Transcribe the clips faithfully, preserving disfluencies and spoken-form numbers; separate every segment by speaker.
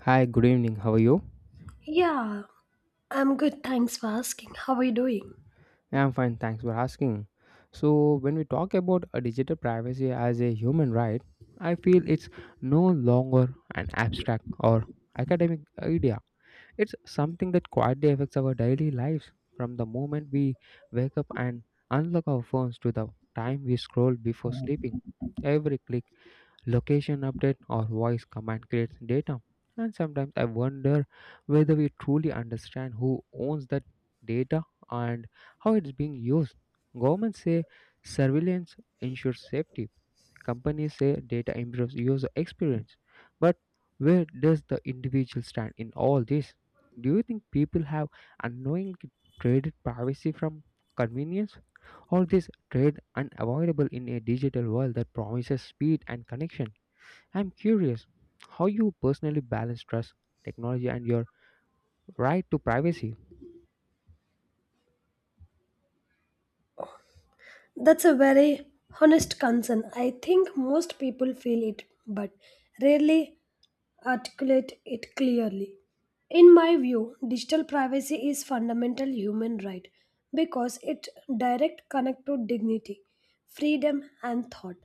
Speaker 1: Hi, good evening. How are you?
Speaker 2: Yeah, I'm good. Thanks for asking. How are you doing?
Speaker 1: Yeah, I'm fine. Thanks for asking. So, when we talk about a digital privacy as a human right, I feel it's no longer an abstract or academic idea. It's something that quietly affects our daily lives from the moment we wake up and unlock our phones to the time we scroll before sleeping. Every click, location update or voice command creates data. And sometimes I wonder whether we truly understand who owns that data and how it's being used. Governments say surveillance ensures safety. Companies say data improves user experience. But where does the individual stand in all this? Do you think people have unknowingly traded privacy from convenience? All this trade unavoidable in a digital world that promises speed and connection. I'm curious how you personally balance trust, technology, and your right to privacy.
Speaker 2: That's a very honest concern. I think most people feel it, but rarely articulate it clearly. In my view, digital privacy is fundamental human right because it direct connect to dignity, freedom and thought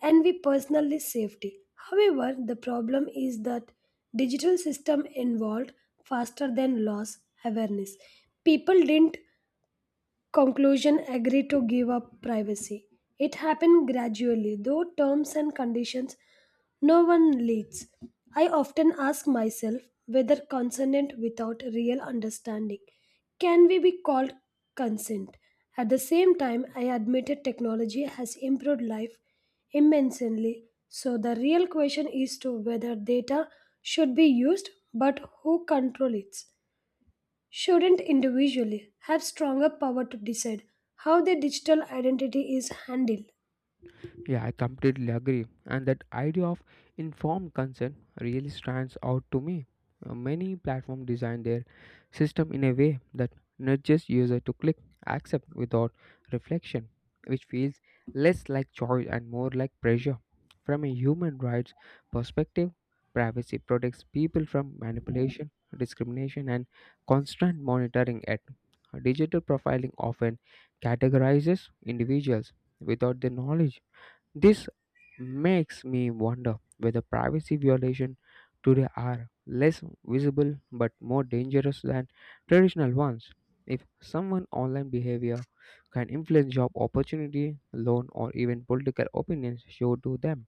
Speaker 2: and we personally safety. However, the problem is that digital system evolved faster than laws awareness. People didn't Conclusion agreed to give up privacy. It happened gradually, though terms and conditions no one leads. I often ask myself whether consent without real understanding can we be called consent. At the same time, I admitted technology has improved life immensely. So the real question is to whether data should be used, but who controls it? Shouldn't individually have stronger power to decide how their digital identity is handled.
Speaker 1: Yeah, I completely agree. And that idea of informed consent really stands out to me. Uh, Many platforms design their system in a way that nudges user to click accept without reflection, which feels less like choice and more like pressure. From a human rights perspective, privacy protects people from manipulation, discrimination, and constant monitoring. At digital profiling often categorizes individuals without their knowledge, this makes me wonder whether privacy violations today are less visible but more dangerous than traditional ones. If someone's online behavior can influence job opportunity, loan, or even political opinions showed to them,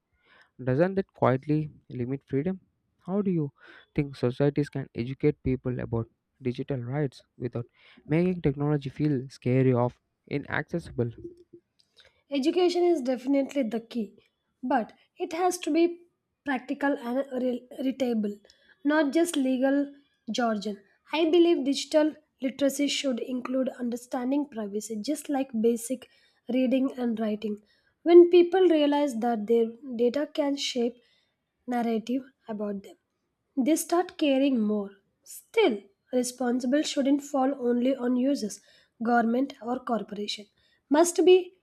Speaker 1: doesn't that quietly limit freedom? How do you think societies can educate people about digital rights without making technology feel scary or inaccessible?
Speaker 2: Education is definitely the key, but it has to be practical and re- relatable, not just legal jargon. I believe digital literacy should include understanding privacy, just like basic reading and writing. When people realize that their data can shape narrative about them, they start caring more. Still, responsible shouldn't fall only on users, government or corporation. Must be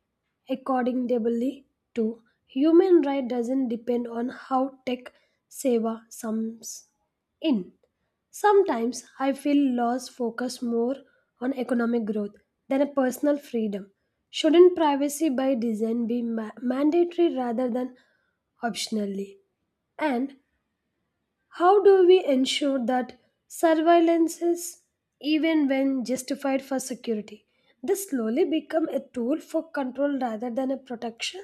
Speaker 2: accordingly, to human right doesn't depend on how tech seva sums in. Sometimes I feel laws focus more on economic growth than a personal freedom. Shouldn't privacy by design be ma- mandatory rather than optionally? And how do we ensure that surveillance is even when justified for security? This slowly become a tool for control rather than a protection.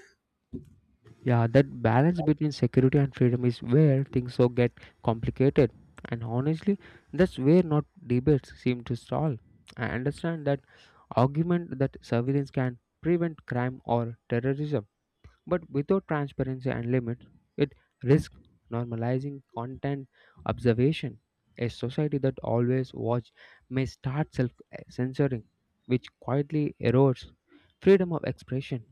Speaker 1: Yeah, that balance between security and freedom is where things so get complicated. And honestly, that's where not debates seem to stall. I understand that argument that surveillance can prevent crime or terrorism, but without transparency and limits, it risks normalizing content observation. A society that always watch may start self censoring, which quietly erodes freedom of expression.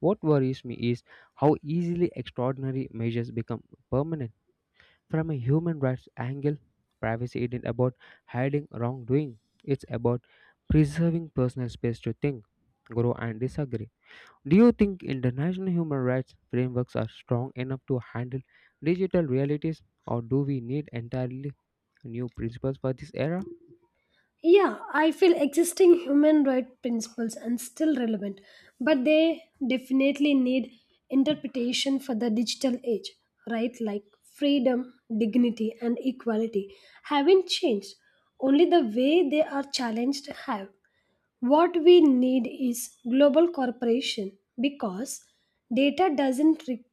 Speaker 1: What worries me is how easily extraordinary measures become permanent. From a human rights angle, privacy isn't about hiding wrongdoing, it's about preserving personal space to think, grow, and disagree. Do you think international human rights frameworks are strong enough to handle digital realities, or do we need entirely new principles for this era?
Speaker 2: Yeah, I feel existing human rights principles are still relevant, but they definitely need interpretation for the digital age, right? Like freedom, dignity, and equality haven't changed. Only the way they are challenged have. What we need is global cooperation because data doesn't re-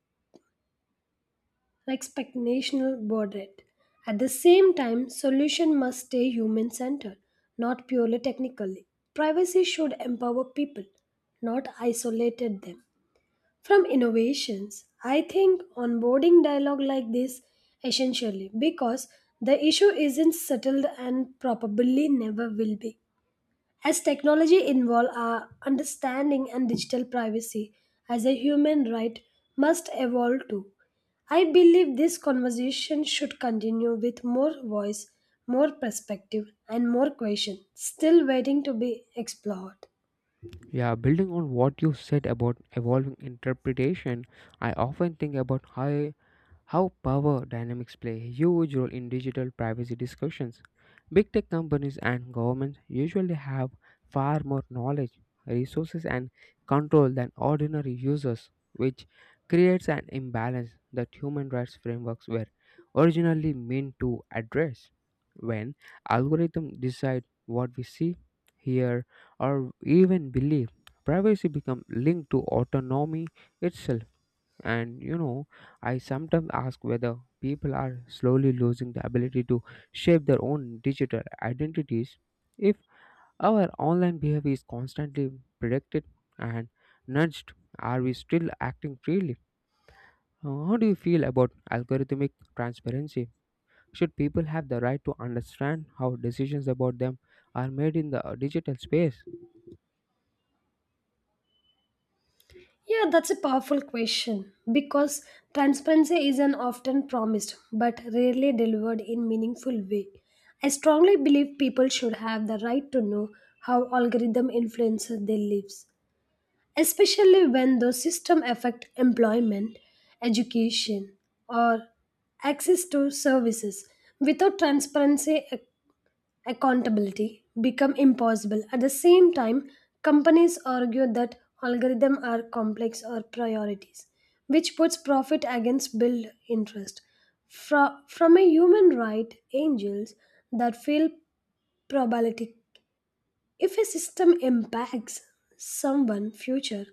Speaker 2: like speculational budget. At the same time, solution must stay human centered, not purely technically. Privacy should empower people, not isolated them. From innovations, I think onboarding dialogue like this essentially because the issue isn't settled and probably never will be. As technology involve our understanding and digital privacy as a human right must evolve too. I believe this conversation should continue with more voice, more perspective and more questions still waiting to be explored.
Speaker 1: Yeah, building on what you said about evolving interpretation, I often think about how how power dynamics play a huge role in digital privacy discussions. Big tech companies and governments usually have far more knowledge, resources, and control than ordinary users, which creates an imbalance that human rights frameworks were originally meant to address. When algorithms decide what we see, hear, or even believe, privacy becomes linked to autonomy itself and you know, I sometimes ask whether people are slowly losing the ability to shape their own digital identities if our online behavior is constantly predicted and nudged. Are we still acting freely? Uh, How do you feel about algorithmic transparency? Should people have the right to understand how decisions about them are made in the uh, digital space?
Speaker 2: Yeah, that's a powerful question because transparency is an often promised but rarely delivered in meaningful way. I strongly believe people should have the right to know how algorithm influences their lives, especially when those systems affect employment, education, or access to services. Without transparency, ac- accountability become impossible. At the same time, companies argue that algorithms are complex or priorities, which puts profit against build interest. Fro- from a human right, angels that feel probability. If a system impacts someone future,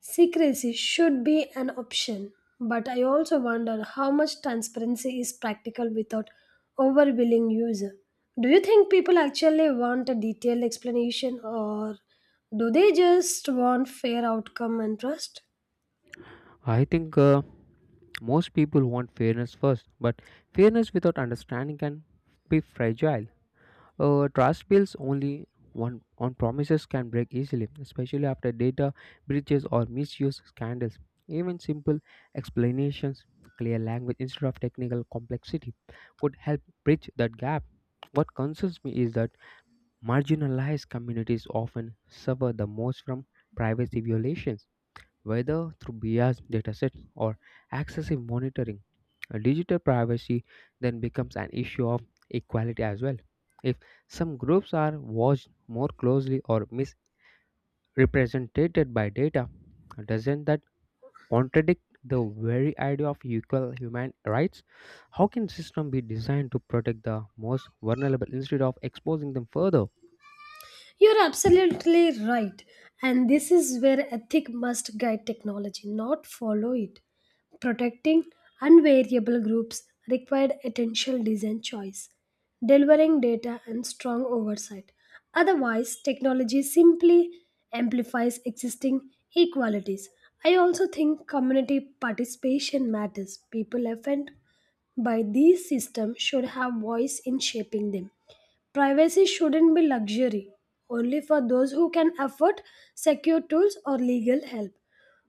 Speaker 2: secrecy should be an option, but I also wonder how much transparency is practical without overwhelming user. Do you think people actually want a detailed explanation or do they just want fair outcome and trust?
Speaker 1: I think uh, most people want fairness first, but fairness without understanding can be fragile. Uh, trust builds only one on promises can break easily, especially after data breaches or misuse scandals. Even simple explanations, clear language instead of technical complexity, could help bridge that gap. What concerns me is that marginalized communities often suffer the most from privacy violations whether through biased datasets or excessive monitoring. Uh, Digital privacy then becomes an issue of equality as well. If some groups are watched more closely or misrepresented by data, doesn't that contradict the very idea of equal human rights? How can system be designed to protect the most vulnerable instead of exposing them further?
Speaker 2: You're absolutely right. And this is where ethic must guide technology, not follow it. Protecting unvariable groups required attentional design choice, delivering data and strong oversight. Otherwise, technology simply amplifies existing inequalities. I also think community participation matters. People affected by these systems should have voice in shaping them. Privacy shouldn't be luxury, only for those who can afford secure tools or legal help.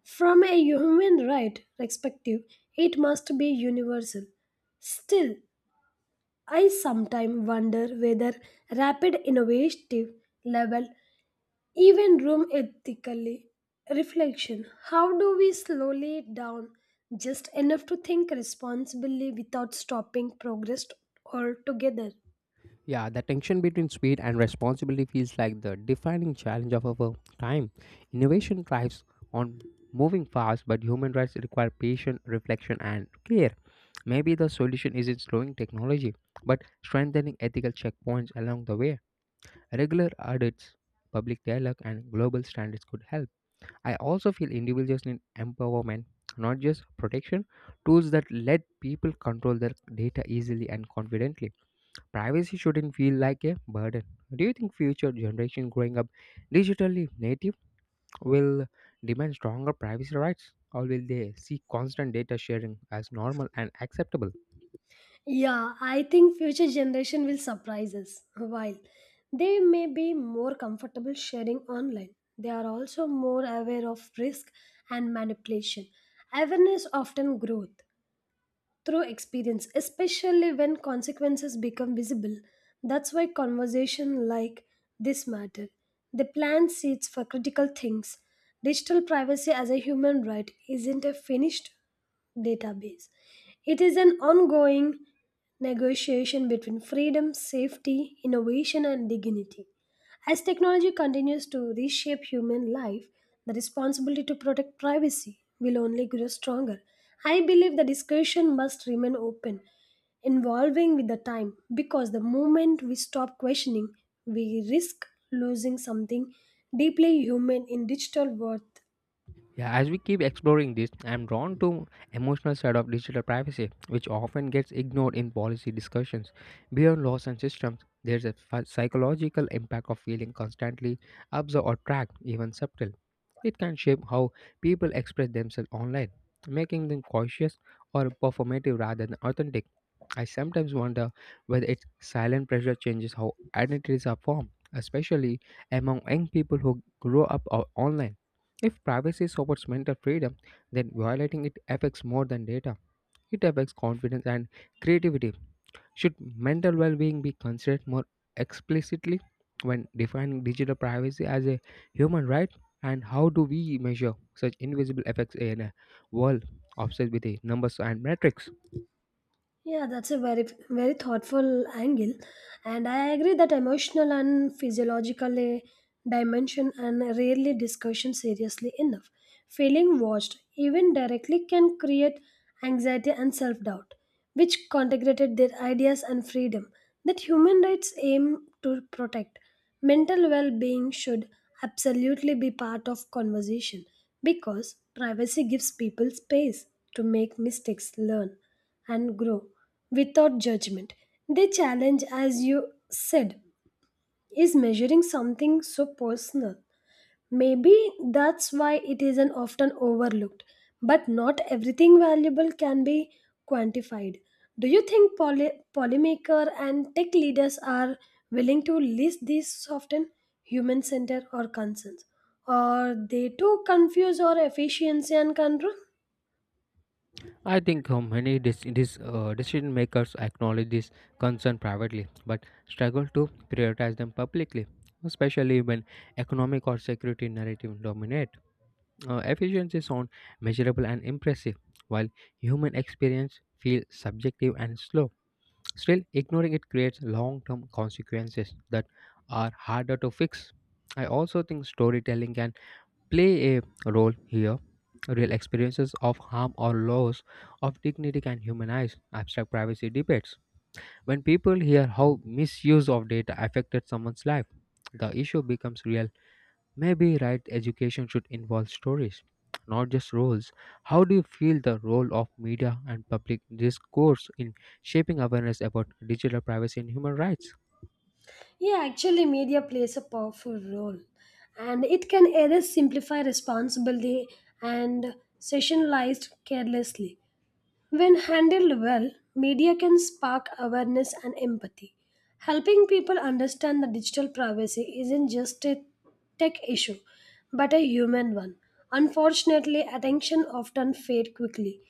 Speaker 2: From a human right perspective, it must be universal. Still, I sometimes wonder whether rapid innovative level even room ethically reflection. How do we slowly it down just enough to think responsibly without stopping progress altogether?
Speaker 1: Yeah, the tension between speed and responsibility feels like the defining challenge of our time. Innovation thrives on moving fast, but human rights require patience, reflection, and care. Maybe the solution isn't slowing technology, but strengthening ethical checkpoints along the way. Regular audits, public dialogue, and global standards could help. I also feel individuals need empowerment, not just protection, tools that let people control their data easily and confidently. Privacy shouldn't feel like a burden. Do you think future generation growing up digitally native will demand stronger privacy rights or will they see constant data sharing as normal and acceptable?
Speaker 2: Yeah, I think future generation will surprise us. While they may be more comfortable sharing online, they are also more aware of risk and manipulation. Awareness often growth through experience, especially when consequences become visible. That's why conversation like this matter. They plant seeds for critical things. Digital privacy as a human right isn't a finished database. It is an ongoing negotiation between freedom, safety, innovation, and dignity. As technology continues to reshape human life, the responsibility to protect privacy will only grow stronger. I believe the discussion must remain open, evolving with the time, because the moment we stop questioning, we risk losing something deeply human in digital world.
Speaker 1: Yeah, as we keep exploring this, I'm drawn to emotional side of digital privacy, which often gets ignored in policy discussions. Beyond laws and systems, there's a ph- psychological impact of feeling constantly observed or tracked, even subtle. It can shape how people express themselves online, making them cautious or performative rather than authentic. I sometimes wonder whether its silent pressure changes how identities are formed, especially among young people who grow up o- online. If privacy supports mental freedom, then violating it affects more than data. It affects confidence and creativity. Should mental well being be considered more explicitly when defining digital privacy as a human right? And how do we measure such invisible effects in a world obsessed with the numbers and metrics?
Speaker 2: Yeah, that's a very very thoughtful angle, and I agree that emotional and physiological eh, dimension and rarely discussion seriously enough. Feeling watched, even directly, can create anxiety and self doubt, which integrated their ideas and freedom that human rights aim to protect. Mental well being should absolutely be part of conversation because privacy gives people space to make mistakes, learn and grow without judgment. The challenge, as you said, is measuring something so personal. Maybe that's why it isn't often overlooked, but not everything valuable can be quantified. Do you think poly- polymaker and tech leaders are willing to list these often human centered or concerns? Or they too confuse our efficiency and control?
Speaker 1: I think uh, many dis- dis- uh, decision makers acknowledge this concern privately but struggle to prioritize them publicly, especially when economic or security narrative dominate. Uh, efficiency sound measurable and impressive, while human experience feels subjective and slow. Still, ignoring it creates long-term consequences that are harder to fix. I also think storytelling can play a role here. Real experiences of harm or loss of dignity can humanize abstract privacy debates. When people hear how misuse of data affected someone's life, the issue becomes real. Maybe right education should involve stories, not just roles. How do you feel the role of media and public discourse in shaping awareness about digital privacy and human rights?
Speaker 2: Yeah, actually, media plays a powerful role, and it can either simplify responsibility and sessionalized carelessly. When handled well, media can spark awareness and empathy, helping people understand that digital privacy isn't just a tech issue, but a human one. Unfortunately, attention often fades quickly,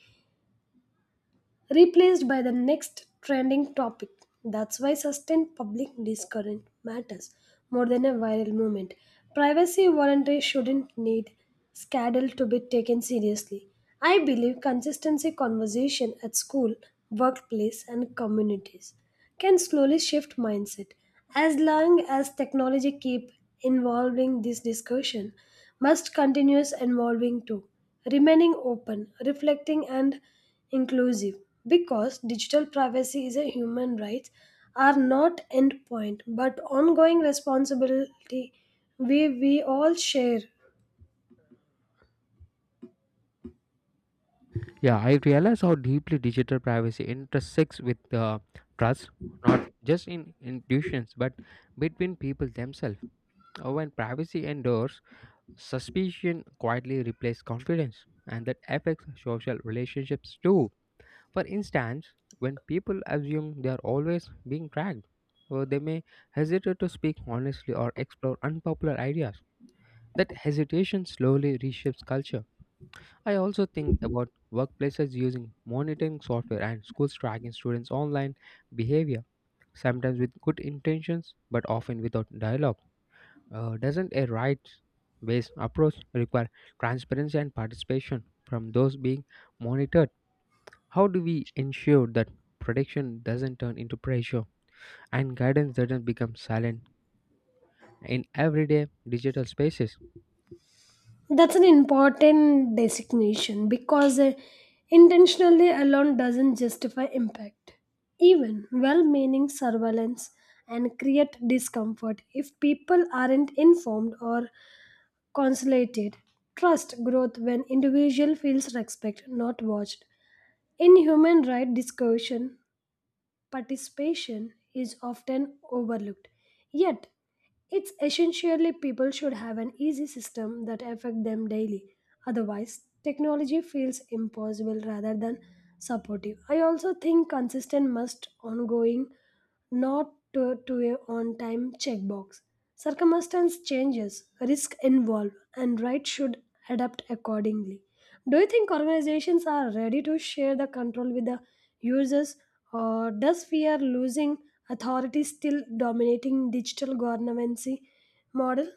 Speaker 2: replaced by the next trending topic. That's why sustained public discussion matters more than a viral movement. Privacy voluntary shouldn't need scandal to be taken seriously. I believe consistency conversation at school, workplace, and communities can slowly shift mindset. As long as technology keep involving this discussion, must continuous involving too, remaining open, reflecting and inclusive. Because digital privacy is a human right, are not endpoint but ongoing responsibility we we all share.
Speaker 1: Yeah, I realize how deeply digital privacy intersects with uh, trust, not just in institutions, but between people themselves. Uh, When privacy endures, suspicion quietly replaces confidence, and that affects social relationships too. For instance, when people assume they are always being tracked, or they may hesitate to speak honestly or explore unpopular ideas. That hesitation slowly reshapes culture. I also think about workplaces using monitoring software and schools tracking students' online behavior, sometimes with good intentions but often without dialogue. Uh, doesn't a rights based approach require transparency and participation from those being monitored? How do we ensure that protection doesn't turn into pressure and guidance doesn't become silent in everyday digital spaces?
Speaker 2: That's an important designation because uh, intentionally alone doesn't justify impact. Even well meaning surveillance and create discomfort if people aren't informed or consolidated. Trust growth when individual feels respect, not watched. In human right discussion, participation is often overlooked. Yet, it's essentially people should have an easy system that affect them daily. Otherwise, technology feels impossible rather than supportive. I also think consistent must ongoing, not to, to a on-time checkbox. Circumstance changes, risk involved, and right should adapt accordingly. Do you think organizations are ready to share the control with the users or does fear losing authority still dominating digital governance model?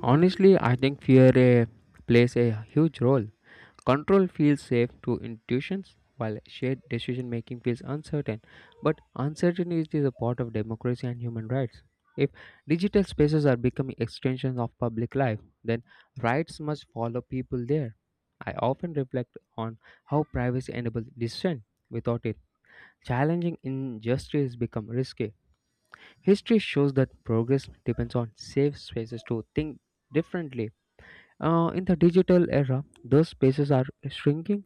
Speaker 1: Honestly, I think fear eh, plays a huge role. Control feels safe to intuitions, while shared decision making feels uncertain. But uncertainty is a part of democracy and human rights. If digital spaces are becoming extensions of public life, then rights must follow people there. I often reflect on how privacy enables dissent. Without it, challenging injustice becomes risky. History shows that progress depends on safe spaces to think differently. Uh, in the digital era, those spaces are shrinking.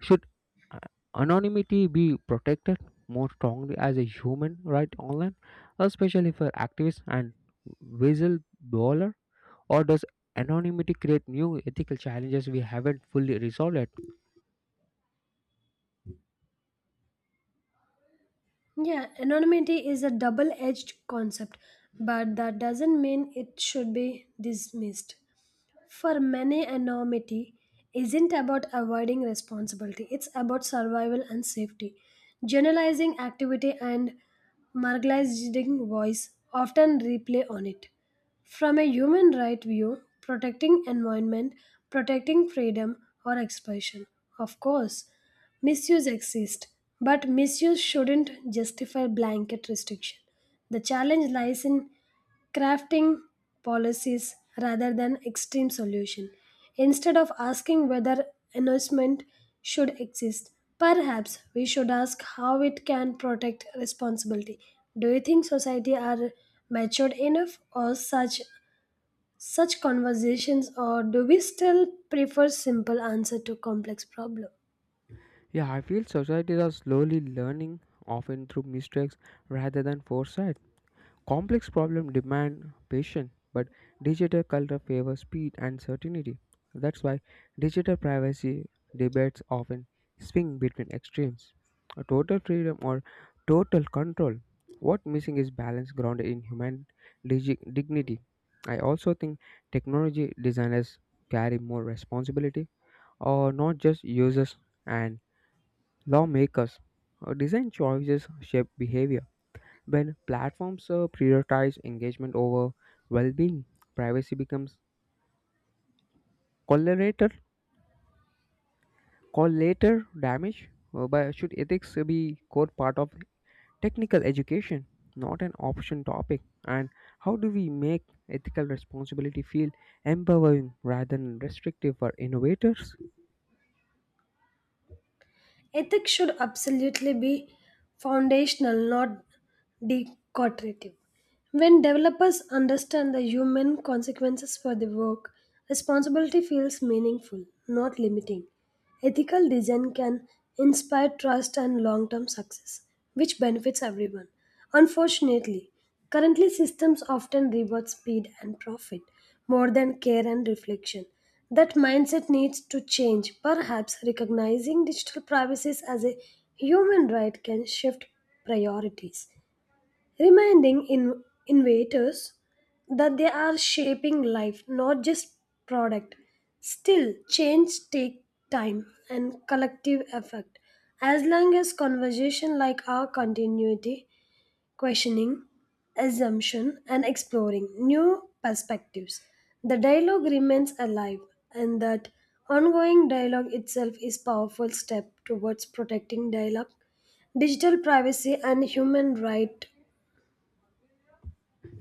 Speaker 1: Should uh, anonymity be protected more strongly as a human right online, especially for activists and whistleblower? Or does anonymity create new ethical challenges we haven't fully resolved yet?
Speaker 2: Yeah, anonymity is a double-edged concept, but that doesn't mean it should be dismissed. For many, anonymity isn't about avoiding responsibility, it's about survival and safety. Generalizing activity and marginalizing voice often replay on it. From a human right view, protecting environment, protecting freedom or expression. Of course, misuse exists, but misuse shouldn't justify blanket restriction. The challenge lies in crafting policies rather than extreme solution. Instead of asking whether enforcement should exist, perhaps we should ask how it can protect responsibility. Do you think society are matured enough or such such conversations or do we still prefer simple answer to complex problem?
Speaker 1: Yeah, I feel societies are slowly learning, often through mistakes rather than foresight. Complex problems demand patience, but digital culture favors speed and certainty. That's why digital privacy debates often swing between extremes a total freedom or total control. What missing is balance grounded in human digi- dignity. I also think technology designers carry more responsibility, or not just users and lawmakers. Uh, Design choices shape behavior when platforms uh, prioritize engagement over well-being, privacy becomes collateral, collateral damage. Uh, but should ethics be core part of technical education, not an option topic? And how do we make ethical responsibility feel empowering rather than restrictive for innovators?
Speaker 2: Ethics should absolutely be foundational, not decorative. When developers understand the human consequences for their work, responsibility feels meaningful, not limiting. Ethical design can inspire trust and long term success, which benefits everyone. Unfortunately, currently systems often reward speed and profit more than care and reflection. That mindset needs to change. Perhaps recognizing digital privacy as a human right can shift priorities, reminding in- innovators that they are shaping life, not just product. Still, change take time and collective effort. As long as conversation like our continuity, questioning, assumption, and exploring new perspectives, the dialogue remains alive, and that ongoing dialogue itself is powerful step towards protecting dialogue digital privacy and human right.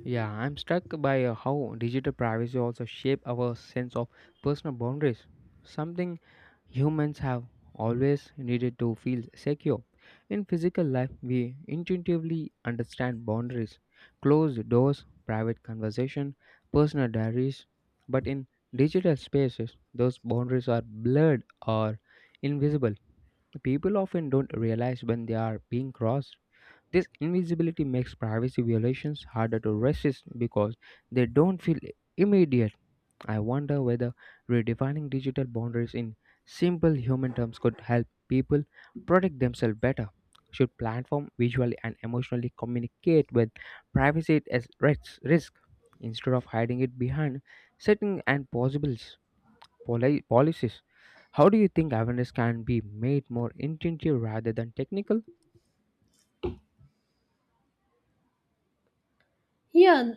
Speaker 1: Yeah, I'm struck by uh, how digital privacy also shape our sense of personal boundaries. Something humans have always needed to feel secure. In physical life, we intuitively understand boundaries, closed doors, private conversation, personal diaries. But in digital spaces, those boundaries are blurred or invisible. People often don't realize when they are being crossed. This invisibility makes privacy violations harder to resist because they don't feel immediate. I wonder whether redefining digital boundaries in simple human terms could help people protect themselves better. Should platform visually and emotionally communicate with privacy as ris- risk instead of hiding it behind setting and possibles poli- policies? How do you think awareness can be made more intuitive rather than technical?
Speaker 2: Yeah,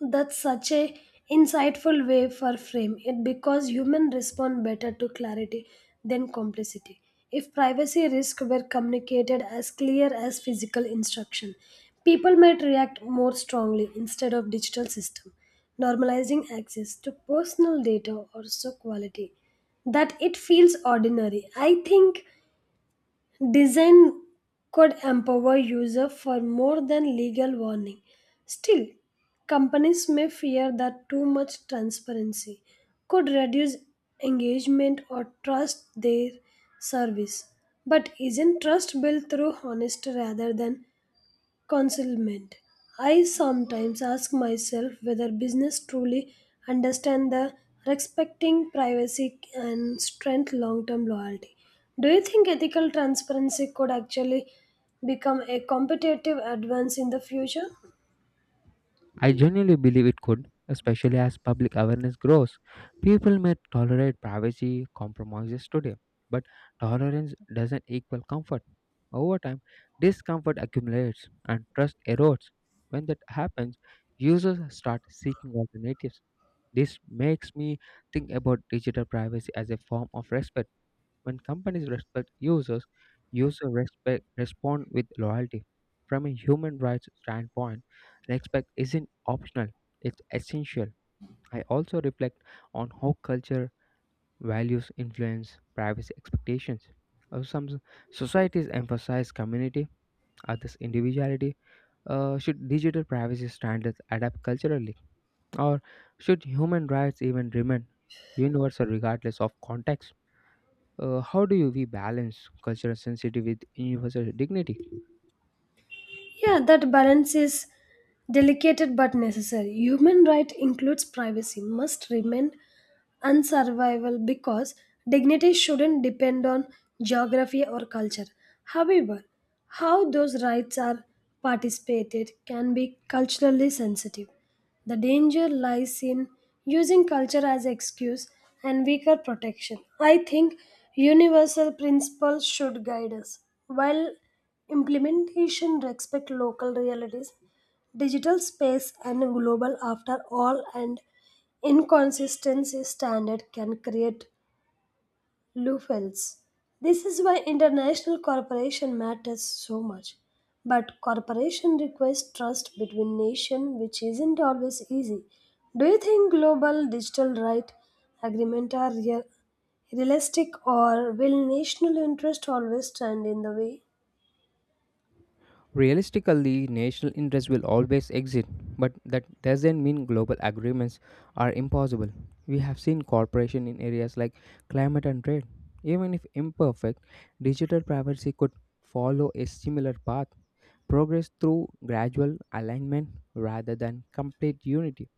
Speaker 2: that's such a insightful way for frame it because humans respond better to clarity than complexity. If privacy risk were communicated as clear as physical instruction, people might react more strongly instead of digital system, normalizing access to personal data or so quality that it feels ordinary. I think design could empower users for more than legal warning. Still, companies may fear that too much transparency could reduce engagement or trust their service. But isn't trust built through honesty rather than concealment. I sometimes ask myself whether business truly understand the respecting privacy and strength long-term loyalty. Do you think ethical transparency could actually become a competitive advance in the future?
Speaker 1: I genuinely believe it could, especially as public awareness grows. People may tolerate privacy compromises today, but tolerance doesn't equal comfort. Over time, discomfort accumulates and trust erodes. When that happens, users start seeking alternatives. This makes me think about digital privacy as a form of respect when companies respect users, users respect respond with loyalty. From a human rights standpoint, respect isn't optional; it's essential. I also reflect on how culture values influence privacy expectations. Uh, Some s- societies emphasize community, others individuality. Uh, should digital privacy standards adapt culturally, or should human rights even remain universal regardless of context? Uh, how do you we balance cultural sensitivity with universal dignity?
Speaker 2: Yeah, that balance is delicate but necessary. Human right includes privacy, must remain unsurvivable because dignity shouldn't depend on geography or culture. However, how those rights are participated can be culturally sensitive. The danger lies in using culture as excuse and weaker protection. I think universal principles should guide us, while implementation respect local realities. Digital space and global after all and inconsistency standard can create loopholes. This is why international cooperation matters so much. But cooperation requires trust between nations, which isn't always easy. Do you think global digital right agreement are real, realistic, or will national interest always stand in the way?
Speaker 1: Realistically, national interests will always exist, but that doesn't mean global agreements are impossible. We have seen cooperation in areas like climate and trade. Even if imperfect, digital privacy could follow a similar path. Progress through gradual alignment rather than complete unity.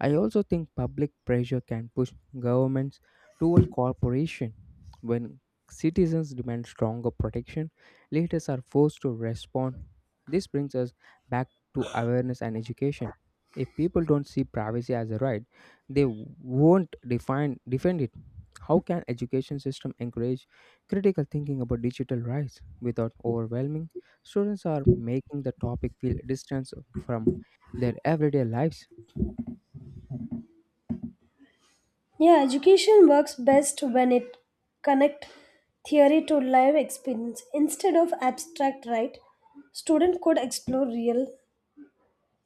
Speaker 1: I also think public pressure can push governments toward cooperation. When citizens demand stronger protection, leaders are forced to respond. This brings us back to awareness and education. If people don't see privacy as a right, they won't define defend it. How can education system encourage critical thinking about digital rights without overwhelming students are making the topic feel distance from their everyday lives?
Speaker 2: Yeah, education works best when it connect theory to live experience instead of abstract, right? Student could explore real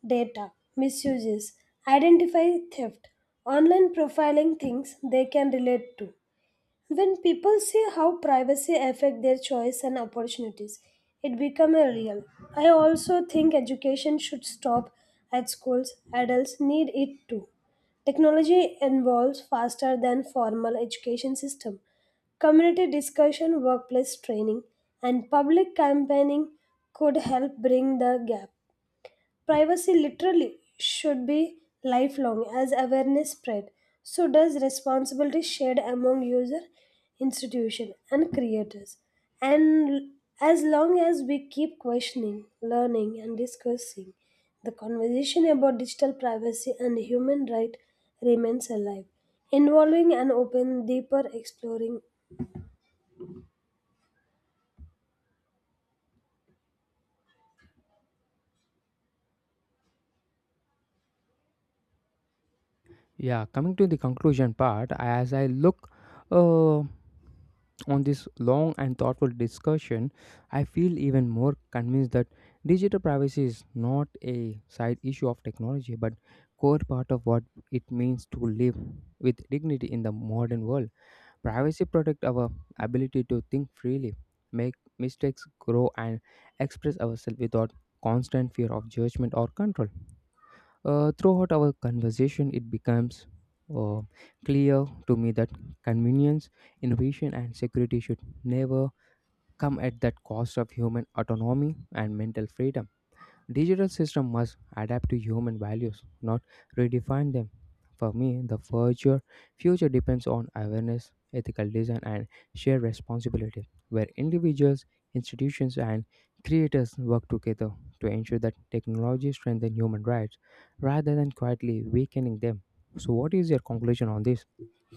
Speaker 2: data misuses, identify theft. Online profiling things they can relate to. When people see how privacy affect their choice and opportunities, it become a real. I also think education should stop at schools. Adults need it too. Technology evolves faster than formal education system. Community discussion, workplace training, and public campaigning could help bring the gap. Privacy literally should be lifelong as awareness spread. So does responsibility shared among user, institution and creators. And as long as we keep questioning, learning and discussing, the conversation about digital privacy and human right remains alive, involving and open, deeper exploring.
Speaker 1: Yeah, coming to the conclusion part, as I look uh, on this long and thoughtful discussion, I feel even more convinced that digital privacy is not a side issue of technology but core part of what it means to live with dignity in the modern world. Privacy protects our ability to think freely, make mistakes, grow and express ourselves without constant fear of judgment or control. Uh, throughout our conversation, it becomes uh, clear to me that convenience, innovation, and security should never come at that cost of human autonomy and mental freedom. Digital system must adapt to human values, not redefine them. For me, the future future depends on awareness, ethical design, and shared responsibility, where individuals, institutions, and creators work together to ensure that technology strengthens human rights rather than quietly weakening them. So, what is your conclusion on this?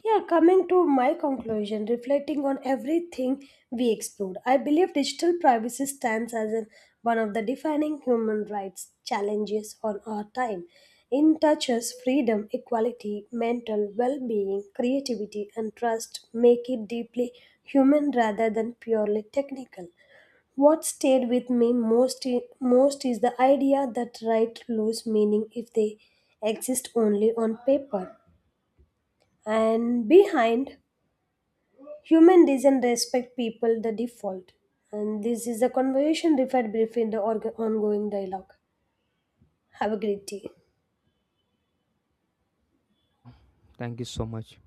Speaker 2: Yeah, coming to my conclusion, reflecting on everything we explored, I believe digital privacy stands as an, one of the defining human rights challenges on our time. It touches freedom, equality, mental well being, creativity, and trust, make it deeply human rather than purely technical. What stayed with me most, i- most is the idea that rights lose meaning if they exist only on paper. And behind human doesn't respect people the default. And this is the conversation referred briefly in the org- ongoing dialogue. Have a great day.
Speaker 1: Thank you so much.